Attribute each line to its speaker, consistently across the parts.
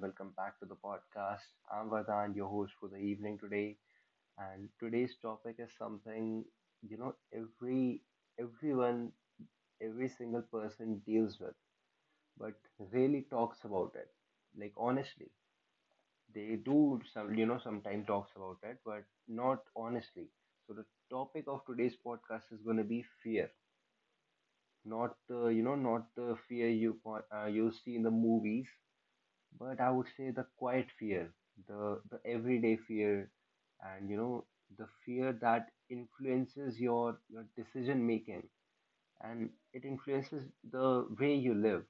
Speaker 1: welcome back to the podcast. I'm Vardhan, your host for the evening today, and today's topic is something you know every everyone, every single person deals with, but really talks about it. Like honestly, they do sometimes talks about it, but not honestly. So the topic of today's podcast is going to be fear, not the fear you see in the movies, but I would say the quiet fear, the everyday fear, and the fear that influences your decision making, and it influences the way you live.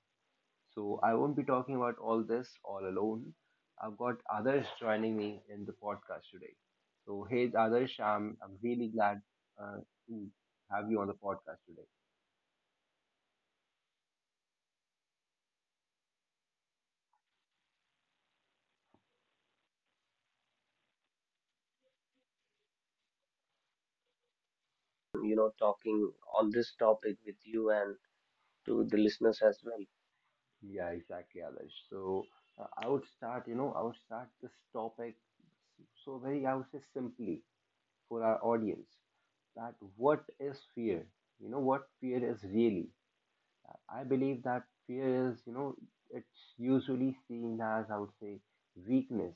Speaker 1: So I won't be talking about all this all alone. I've got others joining me in the podcast today. So hey, Others, I'm really glad uh, to have you on the podcast today.
Speaker 2: Talking on this topic with you and to the listeners as well.
Speaker 1: Yeah, exactly, Adarsh. So I would start this topic so very, I would say simply for our audience, that what is fear? What fear is really. I believe that fear is, you know, it's usually seen as, I would say, weakness.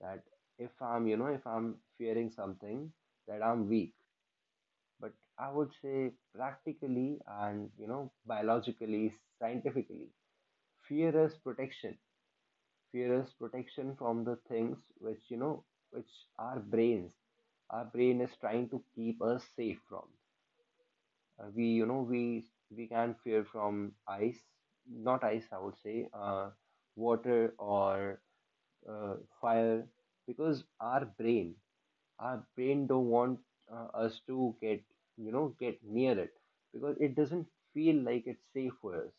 Speaker 1: That if I'm fearing something, that I'm weak. But I would say practically, and, biologically, scientifically, fear is protection fear is protection from the things which you know which our brains our brain is trying to keep us safe from. Uh, we you know we we can fear from ice, not ice, I would say, water or uh, fire, because our brain don't want us to get you know get near it, because it doesn't feel like it's safe for us.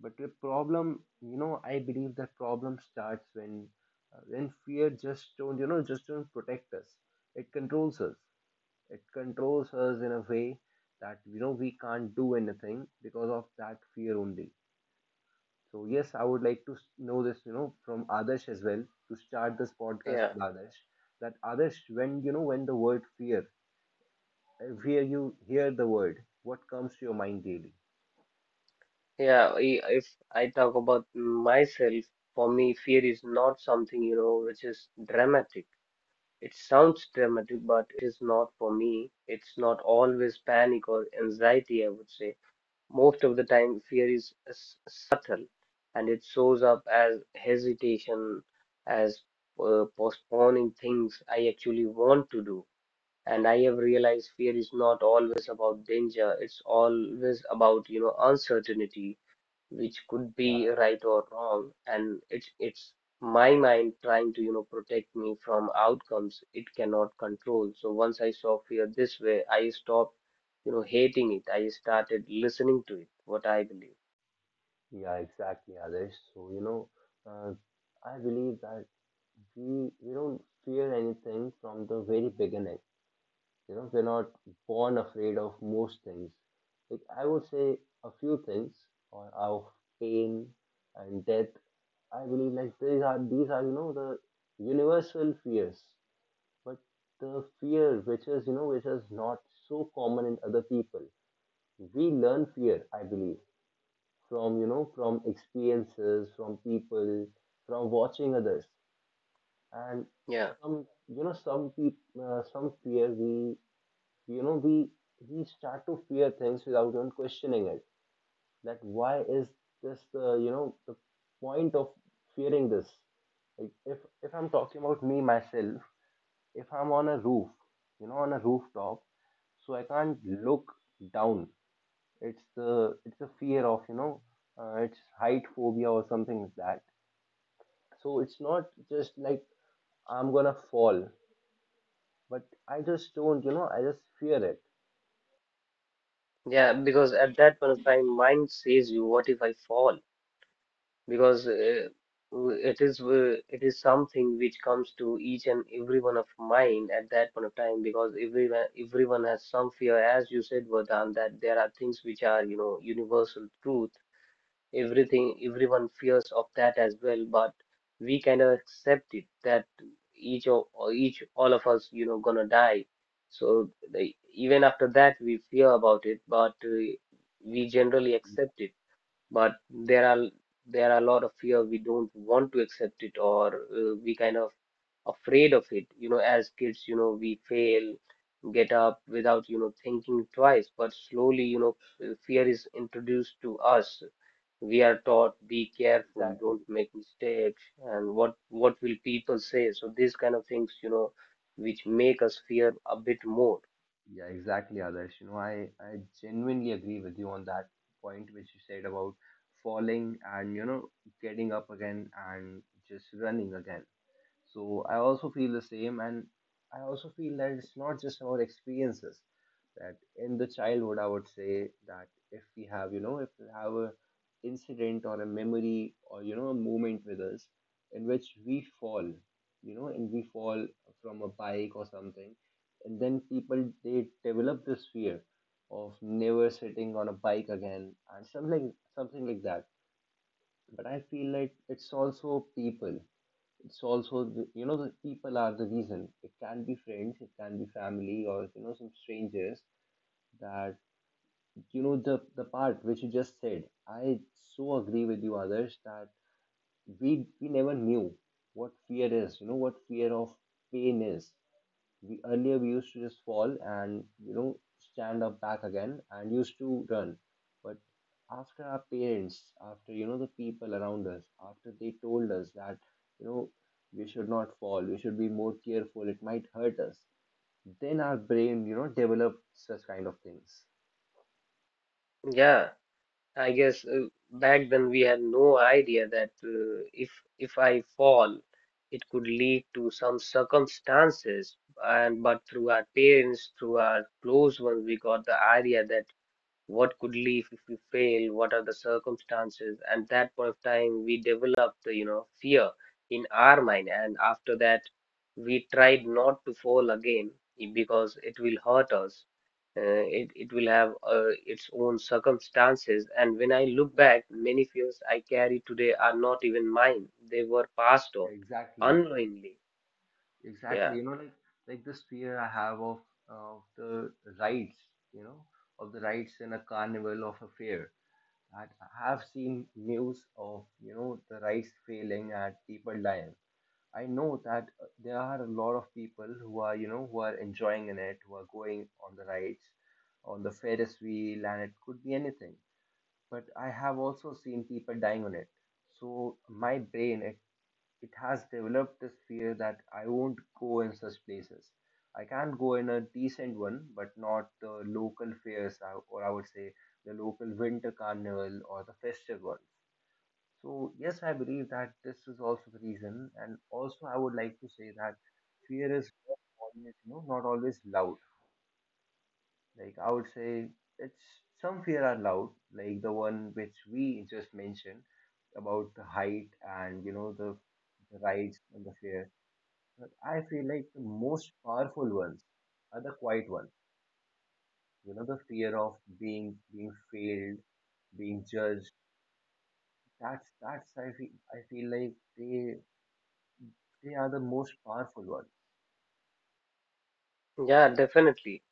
Speaker 1: But the problem, I believe that problem starts when when fear just don't protect us. It controls us. It controls us in a way that we can't do anything because of that fear only. So yes, I would like to know this, from Adarsh as well, to start this podcast
Speaker 2: Yeah,
Speaker 1: with Adarsh. That Adarsh, when the word fear, if here you hear the word, what comes to your mind daily?
Speaker 2: yeah. If I talk about myself, for me, fear is not something, which is dramatic. It sounds dramatic, but it is not for me. It's not always panic or anxiety, I would say. Most of the time, fear is subtle and it shows up as hesitation, as postponing things I actually want to do. And I have realized fear is not always about danger. It's always about, uncertainty, which could be right or wrong. And it's my mind trying to, you know, protect me from outcomes it cannot control. So once I saw fear this way, I stopped, you know, hating it. I started listening to it, what I believe.
Speaker 1: Yeah, exactly, Adesh. So, uh, I believe that we don't fear anything from the very beginning. We're not born afraid of most things. Like I would say a few things or of pain and death. I believe, like, these are the universal fears. But the fear which is not so common in other people. We learn fear, I believe, from you know from experiences, from people, from watching others, and
Speaker 2: Yeah.
Speaker 1: some you know some people, some fear, we you know we start to fear things without even questioning it, that why is this the you know the point of fearing this. Like, if I'm talking about me myself, if I'm on a roof, on a rooftop, so I can't look down. It's the fear of, it's height phobia or something like that. So it's not just like I'm gonna fall, but I just don't you know I just fear it.
Speaker 2: Yeah, because at that point of time, mind says you, what if I fall? Because it is something which comes to each and every one of mind at that point of time, because everyone has some fear. As you said, Vardhan, that there are things which are, universal truth. Everything, everyone fears of that as well, but we kind of accept it that each all of us, gonna die. So even after that we fear about it, but we generally accept it. But there are a lot of fear we don't want to accept it, or we kind of afraid of it, as kids. We fail, get up without thinking twice. But slowly, fear is introduced to us. We are taught be careful,
Speaker 1: Exactly.
Speaker 2: don't make mistakes, and what will people say. So these kind of things, which make us fear a bit more.
Speaker 1: Yeah, exactly, Others. I genuinely agree with you on that point which you said about falling and getting up again and just running again. So I also feel the same, and I also feel that it's not just our experiences. That in the childhood, I would say that if we have, you know, if we have a incident or a memory or a moment with us in which we fall, and we fall from a bike or something, and then people, they develop this fear of never sitting on a bike again and something like that. But I feel like it's also the, the people are the reason. It can be friends, it can be family, or some strangers. That the part which you just said, I so agree with you, Others. That we never knew what fear is, what fear of pain is. We earlier we used to just fall and stand up back again, and used to run. But after our parents, after the people around us, after they told us that you know we should not fall, we should be more careful, it might hurt us. Then our brain, develops such kind of things.
Speaker 2: Yeah, I guess back then we had no idea that if I fall, it could lead to some circumstances. And but through our parents, through our close ones, we got the idea that what could leave if you fail, what are the circumstances, and that point of time we develop the fear in our mind, and after that we tried not to fall again, because it will hurt us. It will have its own circumstances, and when I look back, many fears I carry today are not even mine. They were passed
Speaker 1: Yeah,
Speaker 2: on
Speaker 1: exactly,
Speaker 2: unknowingly.
Speaker 1: exactly.
Speaker 2: Yeah,
Speaker 1: Like this fear I have of the rides, you know, of the rides in a carnival, of a fair. That I have seen news of, the rice failing and people dying. I know that there are a lot of people who are enjoying in it, who are going on the rides, on the Ferris wheel, and it could be anything. But I have also seen people dying on it. So my brain, it has developed this fear that I won't go in such places. I can go in a decent one, but not the local fairs, or I would say the local winter carnival or the festive ones. So, yes, I believe that this is also the reason. And also, I would like to say that fear is not always loud. Like, I would say it's some fear are loud, like the one which we just mentioned about the height and, the rides and the fear. But I feel like the most powerful ones are the quiet ones. The fear of being failed, being judged. That's, I feel like, they they are the most powerful ones.
Speaker 2: yeah, definitely.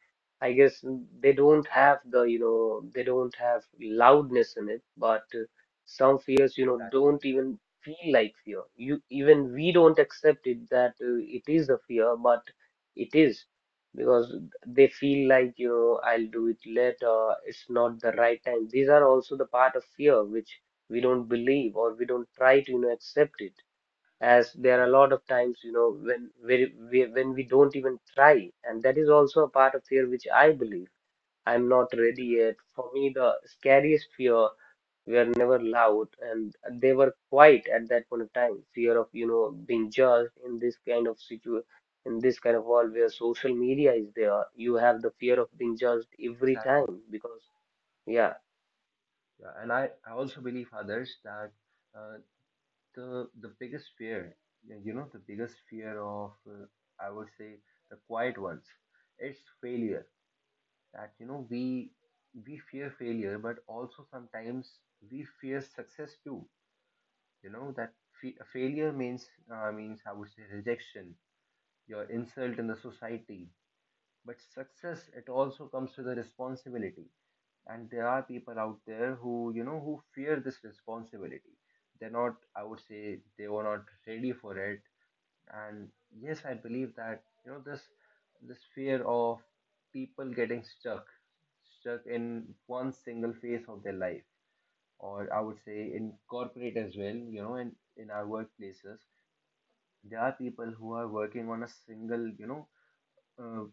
Speaker 2: I guess they don't have the, you know, they don't have loudness in it, but some fears, don't
Speaker 1: Exactly.
Speaker 2: even feel like fear. You Even we don't accept it that it is a fear, but it is because they feel like, I'll do it later, it's not the right time. These are also the part of fear which we don't believe or we don't try to, accept it, as there
Speaker 1: Yeah,
Speaker 2: are a lot of
Speaker 1: exactly.
Speaker 2: times when we don't even try, and that is also a part of fear which I believe, I'm not ready yet. For me, the scariest fear were never loud and they were quiet at that point of time. Fear of, being judged in this kind of world where social media is there. You have the fear of being judged every
Speaker 1: Exactly.
Speaker 2: time, because yeah,
Speaker 1: Yeah, and I also believe, Others, that uh, the biggest fear, y- you know, the biggest fear of, I would say, the quiet ones, it's failure. That we fear failure, but also sometimes we fear success too. That failure means, means, I would say, rejection, your insult in the society. But success, it also comes with a responsibility, and there are people out there who you know who fear this responsibility. They're not, I would say, they were not ready for it. And yes, I believe that this fear of people getting stuck in one single phase of their life, or I would say in corporate as well, in our workplaces, there are people who are working on uh,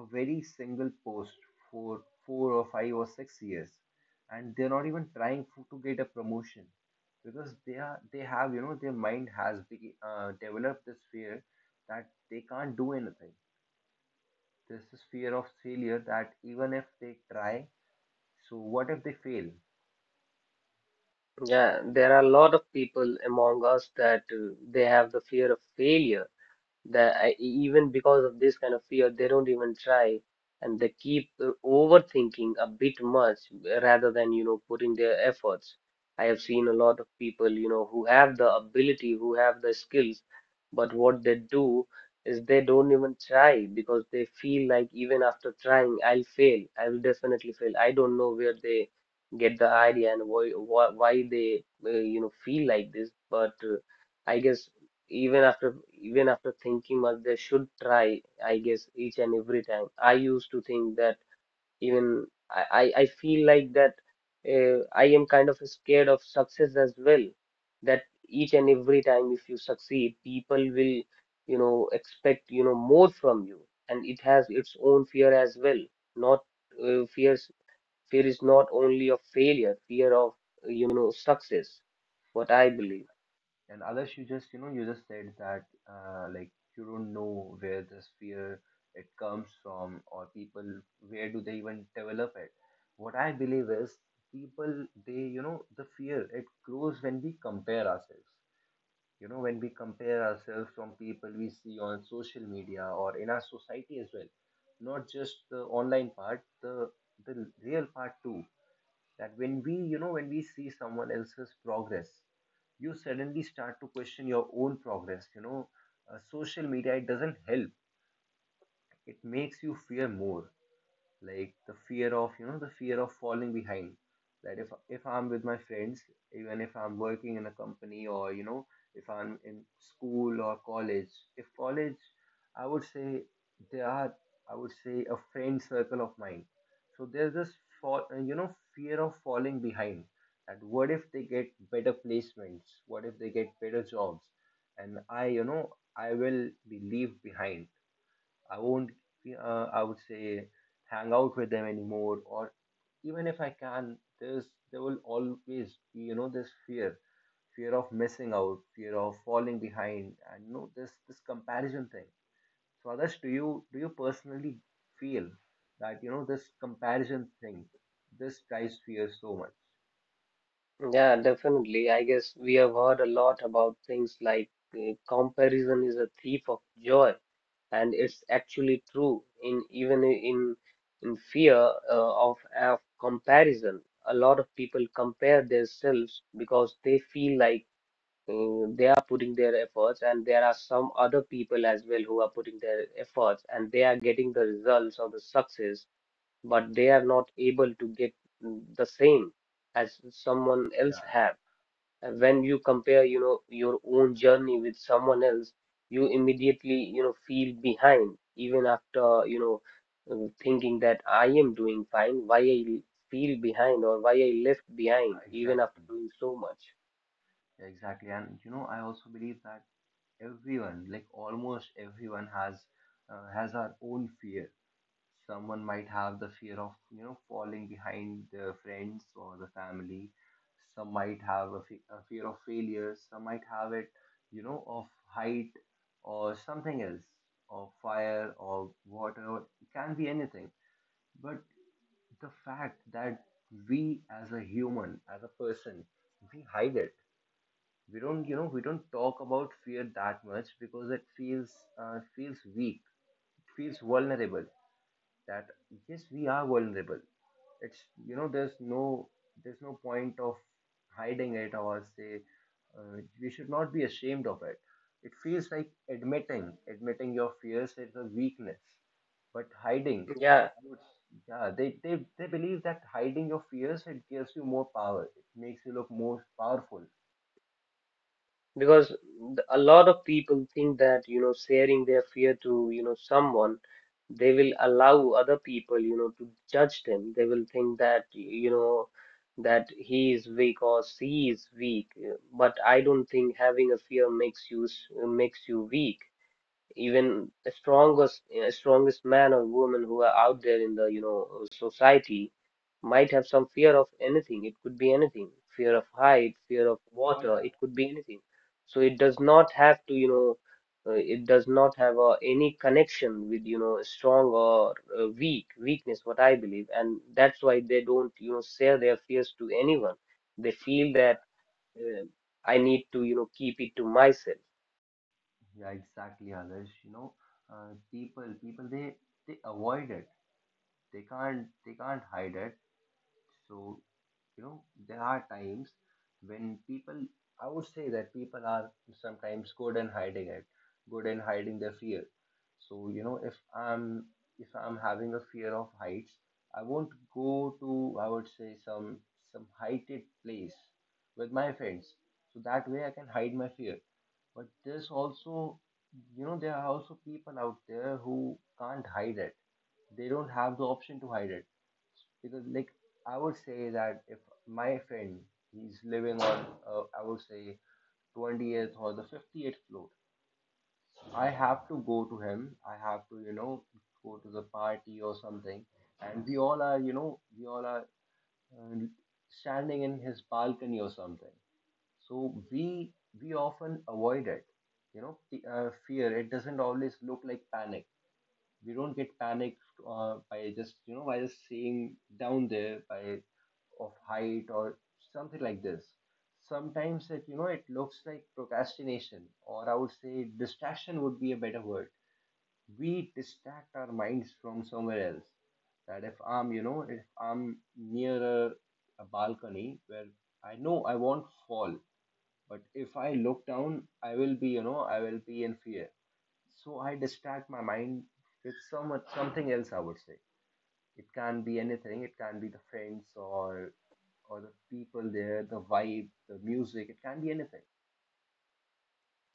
Speaker 1: a very single post for 4 or 5 or 6 years, and they're not even trying for, to get a promotion, because they have, their mind has developed this fear that they can't do anything. This is fear of failure, that even if they try, so what if they fail.
Speaker 2: yeah, there are a lot of people among us that they have the fear of failure, that even because of this kind of fear, they don't even try and they keep overthinking a bit much rather than, you know, putting their efforts. I have seen a lot of people, who have the ability, who have the skills, but what they do is they don't even try because they feel like even after trying, I'll fail. I will definitely fail. I don't know where they get the idea and why, they, feel like this, but I guess even after even after thinking much they should try. I guess each and every time I used to think that even I feel like that I am kind of scared of success as well, that each and every time if you succeed people will expect more from you, and it has its own fear as well. Not uh, fears fear is not only of failure. Fear of, success, what I believe.
Speaker 1: And Others, you just said that like, you don't know where this fear, it comes from, or people, where do they even develop it. What I believe is, people they, you know, the fear, it grows when we compare ourselves. When we compare ourselves from people we see on social media, or in our society as well, not just the online part, the real part too. That when we see someone else's progress, you suddenly start to question your own progress. Social media, it doesn't help. It makes you fear more, like the fear of you know the fear of falling behind. That if I'm with my friends, even if I'm working in a company, or if I'm in school or college, if college I would say they are, I would say, a friend circle of mine. So there's this fall, you know fear of falling behind, that what if they get better placements, what if they get better jobs, and I you know I will be leave behind. I won't, I would say, hang out with them anymore. Or even if I can, there will always be, this fear, fear of missing out, fear of falling behind, and this comparison thing. So, Adarsh, do you personally feel that this comparison thing, this drives fear so much?
Speaker 2: Yeah, definitely. I guess we have heard a lot about things like comparison is a thief of joy, and it's actually true in even I- in fear of comparison. A lot of people compare themselves because they feel like they are putting their efforts, and there are some other people as well who are putting their efforts, and they are getting the results or the success, but they are not able to get the same as someone
Speaker 1: Yeah,
Speaker 2: else have. And when you compare, your own journey with someone else, you immediately, feel behind, even after, thinking that I am doing fine, why I feel behind or why I left behind, even after
Speaker 1: exactly,
Speaker 2: doing so much.
Speaker 1: exactly. And I also believe that everyone, like almost everyone, has our own fear. Someone might have the fear of, falling behind their friends or the family. Some might have a fear of failure. Some might have it, of height or something else, or fire or water, or it can be anything. But the fact that we, as a human, as a person, we hide it. We don't talk about fear that much because it feels weak, feels vulnerable. That yes, we are vulnerable. It's, there's no point of hiding it, or say we should not be ashamed of it. It feels like admitting your fears is a weakness. But hiding,
Speaker 2: Yeah.
Speaker 1: I would, yeah they believe that hiding your fears, it gives you more power, it makes you look more powerful.
Speaker 2: Because a lot of people think that sharing their fear to someone, they will allow other people to judge them. They will think that that he is weak or she is weak. But I don't think having a fear makes you, weak. Even the strongest man or woman who are out there in the society might have some fear of anything. It could be anything, fear of height, fear of water, it could be anything. So it does not have to you know it does not have any connection with strong or weakness, what I believe. And that's why they don't share their fears to anyone. They feel that uh, I need to keep it to myself.
Speaker 1: Yeah, exactly. Others, people, they avoid it. They can't hide it. So, you know there are times when people, I would say, that people are sometimes good in hiding it, good in hiding their fear. So, if I'm having a fear of heights, I won't go to, I would say, some heighted place with my friends, so that way I can hide my fear. But there are also people out there who can't hide it. They don't have the option to hide it because, like, I would say that if my friend, he's living on, I would say, 20th or the 58th floor, I have to go to him. I have to, go to the party or something. And we all are, you know, we all are uh, standing in his balcony or something. So we often avoid it. The fear. It doesn't always look like panic. We don't get panicked, by just, by just seeing down there, by of height or something like this. Sometimes it you know it looks like procrastination, or I would say distraction would be a better word. We distract our minds from somewhere else. That if I'm you know if I'm near a balcony where I know I won't fall, but if I look down, I will be in fear. So I distract my mind with so much, something else. I would say it can be anything. It can be the friends, or the people there, the vibe, the music. It can be anything.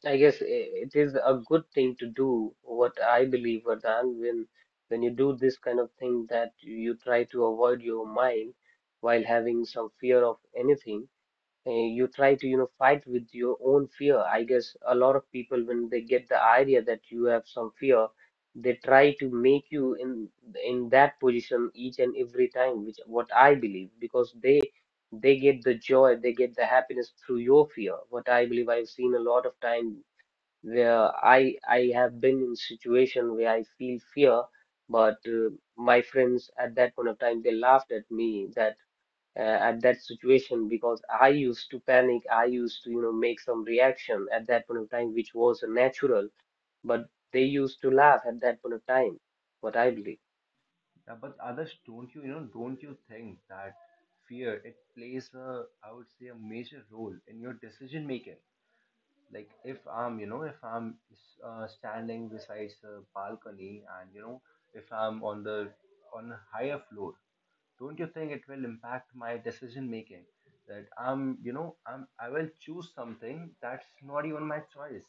Speaker 2: I guess it is a good thing to do, what I believe, Vardhan, when you do this kind of thing that you try to avoid your mind while having some fear of anything, you try to, fight with your own fear. I guess a lot of people, when they get the idea that you have some fear, they try to make you in that position each and every time, which what I believe, because they get the joy, they get the happiness through your fear. What I believe. I've seen a lot of time where I have been in situation where I feel fear, but my friends at that point of time they laughed at me that uh, at that situation, because I used to panic, I used to make some reaction at that point of time which was natural, but they used to laugh at that point of time. What I believe.
Speaker 1: Yeah, but Others, don't you you know don't you think that fear, it plays a, I would say, a major role in your decision making? Like if I'm you know if I'm standing besides a balcony, and if I'm on the on a higher floor, don't you think it will impact my decision making? That I'm, I will choose something that's not even my choice,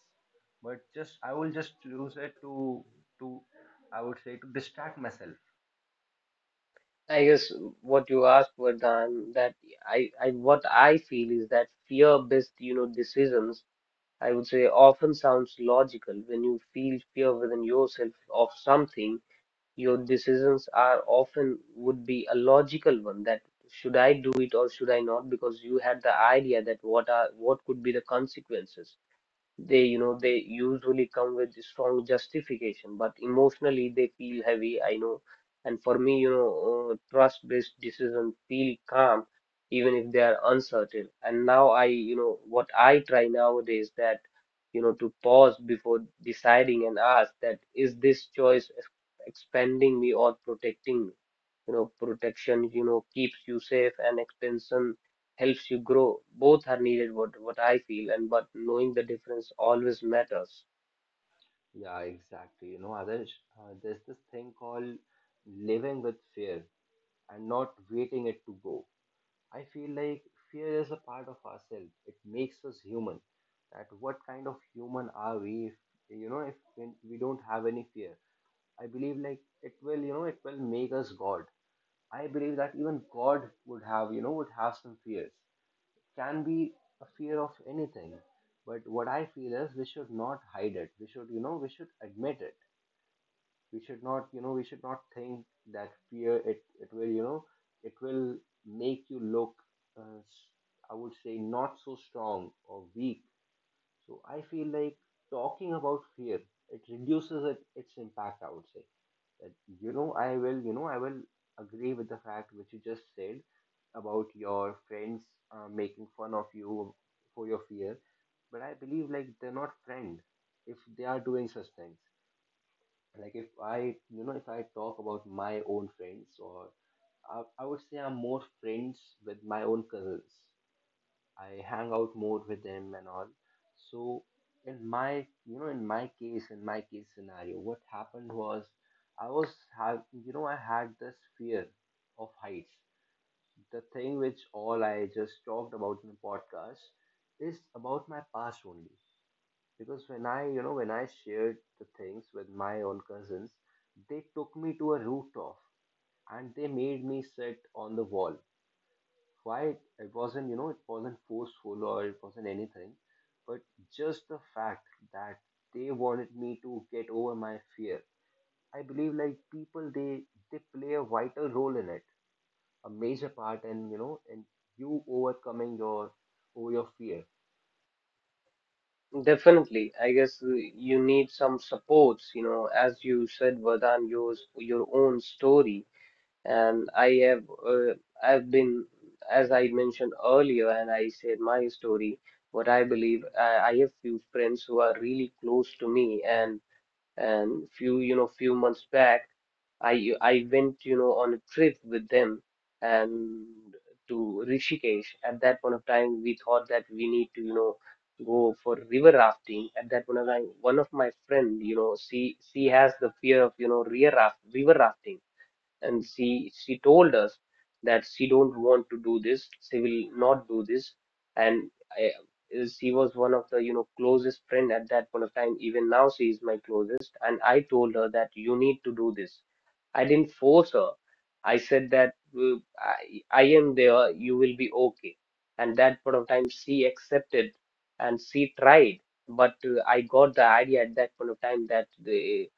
Speaker 1: but just I will just choose it to, I would say, to distract myself.
Speaker 2: I guess what you asked, Vardhan, that I what I feel is that fear-based, decisions, I would say, often sounds logical. When you feel fear within yourself of something, your decisions are often would be a logical one, that should I do it or should I not? Because you had the idea that what could be the consequences, they you know they usually come with strong justification but emotionally they feel heavy. I know. And for me, trust based decisions feel calm even if they are uncertain. And now I you know what I try nowadays, that to pause before deciding and ask, that is this choice expanding me or protecting me. Protection keeps you safe and extension helps you grow. Both are needed, what I feel, and but knowing the difference always matters.
Speaker 1: Yeah, exactly. Adarsh, there's this thing called living with fear and not waiting it to go. I feel like fear is a part of ourselves. It makes us human. That what kind of human are we if, when we don't have any fear? I believe like it will make us god. I believe that even god would have some fears. It can be a fear of anything. But what I feel is, we should not hide it. We should, we should admit it. We should not think that fear, it will, it will make you look, uh, s- I would say, not so strong or weak. So I feel like talking about fear, it reduces it, its impact. I would say that, I will agree with the fact which you just said about your friends, making fun of you for your fear. But I believe like they're not friends if they are doing such things. Like if I you know if I talk about my own friends, or I would say I'm more friends with my own cousins. I hang out more with them and all. So in my, in my case scenario, what happened was, I was have you know I had this fear of heights. The thing which all I just talked about in the podcast is about my past only. Because when I you know when I shared the things with my own cousins, they took me to a rooftop and they made me sit on the wall quiet. It wasn't forceful or it wasn't anything, but just the fact that they wanted me to get over my fear. I believe like people, they play a vital role in it, a major part, and you overcoming your over your fear.
Speaker 2: Definitely, I guess you need some supports, as you said, Vardhan, your own story, and uh, I've been, as I mentioned earlier, and I said my story. What I believe, I have few friends who are really close to me, and few you know few months back I went on a trip with them and to Rishikesh. At that point of time we thought that we need to go for river rafting. At that point of time, one of my friend, she has the fear of you know rear raft river rafting. And she told us that she don't want to do this, she will not do this. And I, she was one of the closest friend at that point of time. Even now she is my closest. And I told her that you need to do this. I didn't force her. I said that I am there, you will be okay. And that point of time, she accepted and she tried. But I got the idea at that point of time that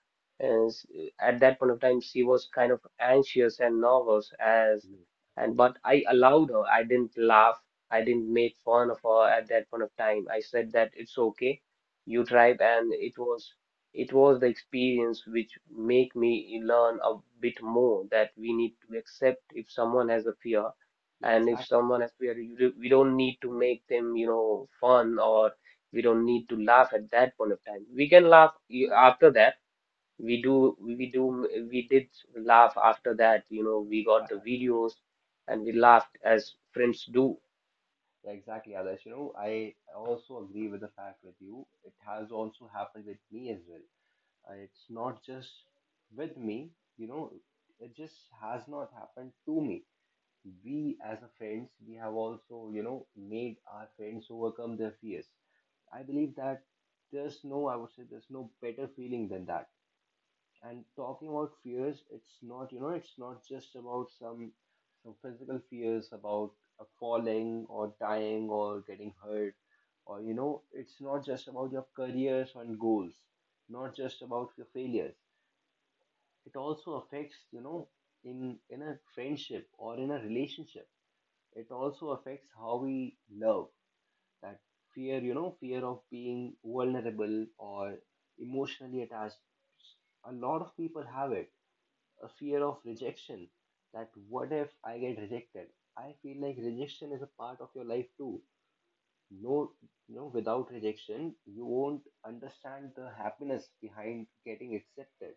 Speaker 2: uh, s- at that point of time, she was kind of anxious and nervous
Speaker 1: Yes.
Speaker 2: and but I allowed her. I didn't laugh. I didn't make fun of her at that point of time. I said that it's okay. You tried, and it was the experience which make me learn a bit more that we need to accept if someone has a fear,
Speaker 1: Yeah,
Speaker 2: and if
Speaker 1: exactly.
Speaker 2: someone has fear, we don't need to make them, fun, or we don't need to laugh at that point of time. We can laugh after that. We did laugh after that. We got the videos and we laughed as friends do.
Speaker 1: Yeah, exactly, Alice. I also agree with the fact with you. It has also happened with me as well. It's not just with me, you know, it just has not happened to me. We as a friends, we have also, made our friends overcome their fears. I believe that there's no, I would say, there's no better feeling than that. And talking about fears, it's not just about some physical fears about, falling or dying or getting hurt, or it's not just about your careers and goals, not just about your failures. It also affects, in a friendship or in a relationship. It also affects how we love. That fear, fear of being vulnerable or emotionally attached, a lot of people have it. A fear of rejection, that what if I get rejected? I feel like rejection is a part of your life too. No, without rejection you won't understand the happiness behind getting accepted.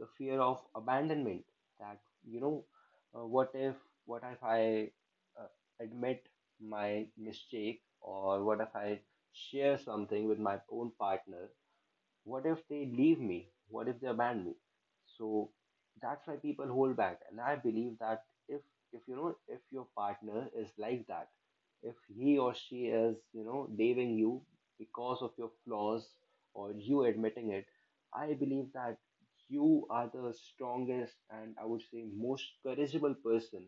Speaker 1: The fear of abandonment, that you know uh, what if what if I uh, admit my mistake, or what if I share something with my own partner? What if they leave me? What if they abandon me? So that's why people hold back. And I believe that if your partner is like that, if he or she is, leaving you because of your flaws or you admitting it, I believe that you are the strongest, and I would say most courageable person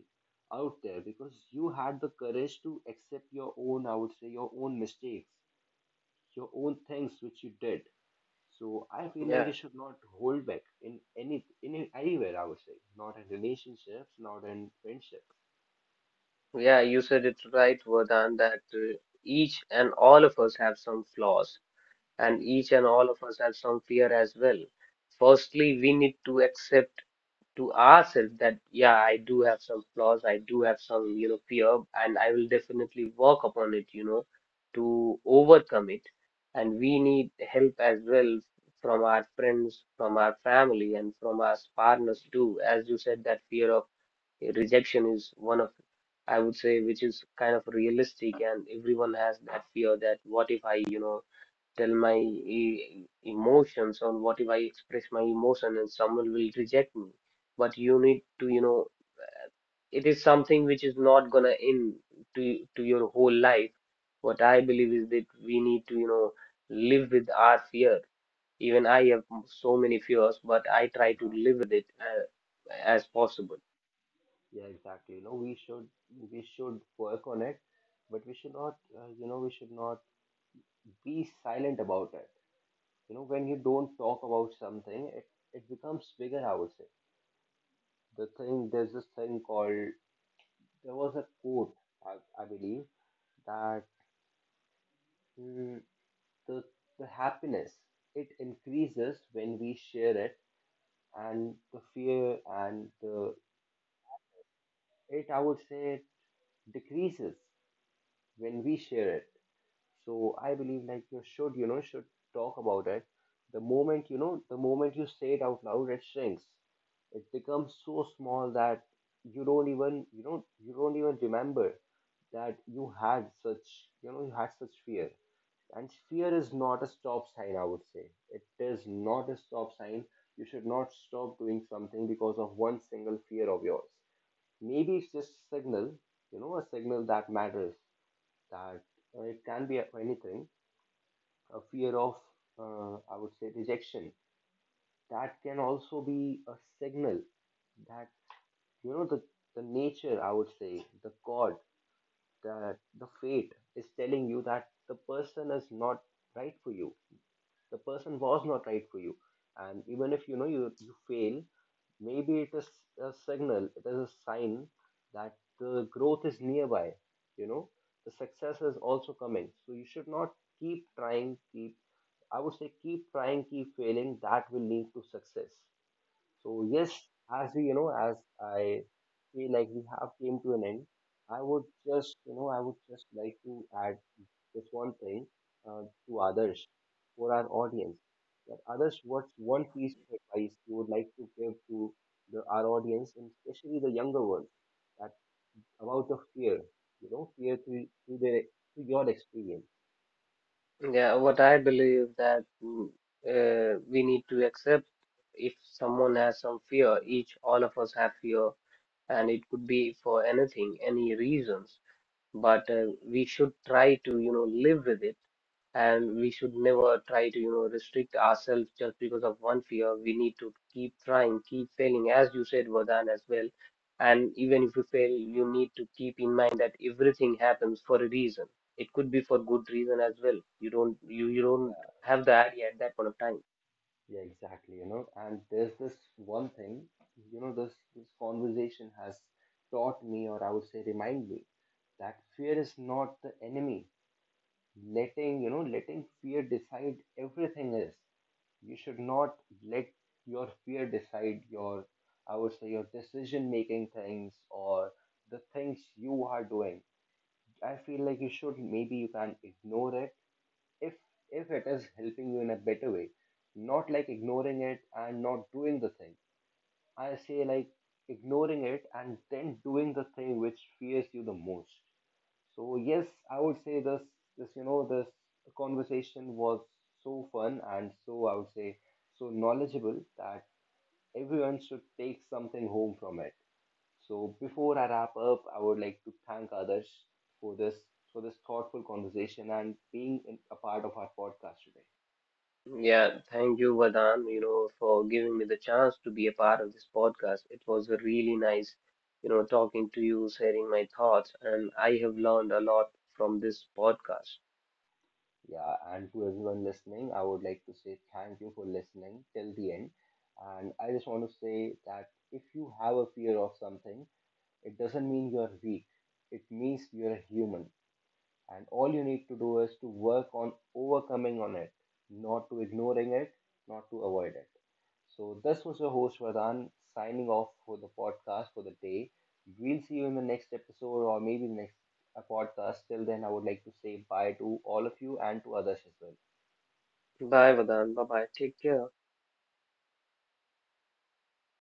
Speaker 1: out there, because you had the courage to accept your own, I would say, your own mistakes, your own things which you did. So I feel like
Speaker 2: Yeah,
Speaker 1: you should not hold back, in any in anywhere. I would say, not in relationships, not in friendships.
Speaker 2: yeah, you said it right, Vardhan, that each and all of us have some flaws and each and all of us have some fear as well. Firstly, we need to accept to ourselves that yeah, I do have some flaws, I do have some, fear, and I will definitely work upon it, to overcome it. And we need help as well from our friends, from our family, and from our partners too. As you said, that fear of rejection is one of, I would say, which is kind of realistic, and everyone has that fear, that what if I, tell my emotions, or what if I express my emotion and someone will reject me. But you need to, you know, it is something which is not gonna end to your whole life. What I believe is that we need to, live with our fear. Even I have so many fears, but I try to live with it as possible.
Speaker 1: Yeah, exactly. We should work on it, but we should not. We should not be silent about it. When you don't talk about something, it becomes bigger. I would say, the thing. There's this thing called, there was a quote, I believe that, mm, the the happiness, it increases when we share it, and the fear, and the, it, I would say, decreases when we share it. So I believe like you should, should talk about it. The moment you say it out loud, it shrinks. It becomes so small that you don't even remember that you had such fear. And fear is not a stop sign, I would say. It is not a stop sign. You should not stop doing something because of one single fear of yours. Maybe it's just signal, a signal that matters, that, it can be anything, a fear of, I would say, rejection. That can also be a signal, that, you know the the nature, I would say the god, the fate is telling you that the person is not right for you, the person was not right for you. And even if, you fail, maybe it is a signal, it is a sign that the growth is nearby, you know the success is also coming. So you should not keep trying, keep, I would say, keep trying, keep failing, that will lead to success. So yes, as I feel like we have came to an end, I would just like to add this one thing, uh, to Others, for our audience. That Others, what's one piece of advice you would like to give to our audience, and especially the younger ones, that about the fear, fear to their, to your experience?
Speaker 2: Yeah, what I believe that we need to accept if someone has some fear. Each all of us have fear and it could be for anything, any reasons. But we should try to, live with it, and we should never try to, restrict ourselves just because of one fear. We need to keep trying, keep failing, as you said, Vardhan, as well. And even if you fail, you need to keep in mind that everything happens for a reason. It could be for good reason as well. You don't have the idea at that point of time.
Speaker 1: Yeah, exactly. And there's this one thing, this conversation has taught me, or I would say, remind me that fear is not the enemy. Letting fear decide everything is. You should not let your fear decide your, I would say, your decision making things, or the things you are doing. I feel like you should, maybe you can ignore it if if it is helping you in a better way. Not like ignoring it and not doing the thing. I say like ignoring it and then doing the thing which fears you the most. So yes, I would say, this you know this conversation was so fun, and so, I would say, so knowledgeable, that everyone should take something home from it. So before I wrap up, I would like to thank Others for this thoughtful conversation, and being a part of our podcast today.
Speaker 2: Yeah, thank you, Vadan, for giving me the chance to be a part of this podcast. It was a really nice, talking to you, sharing my thoughts, and I have learned a lot from this podcast.
Speaker 1: Yeah, and to everyone listening, I would like to say thank you for listening till the end. And I just want to say that if you have a fear of something, it doesn't mean you're weak. It means you're a human, and all you need to do is to work on overcoming on it, not to ignoring it, not to avoid it. So this was your host Vadan, signing off for the podcast for the day. We'll see you in the next episode, or maybe next, podcast. Till then, I would like to say bye to all of you, and to Others as well.
Speaker 2: Bye, Vadan. Bye bye. Take care.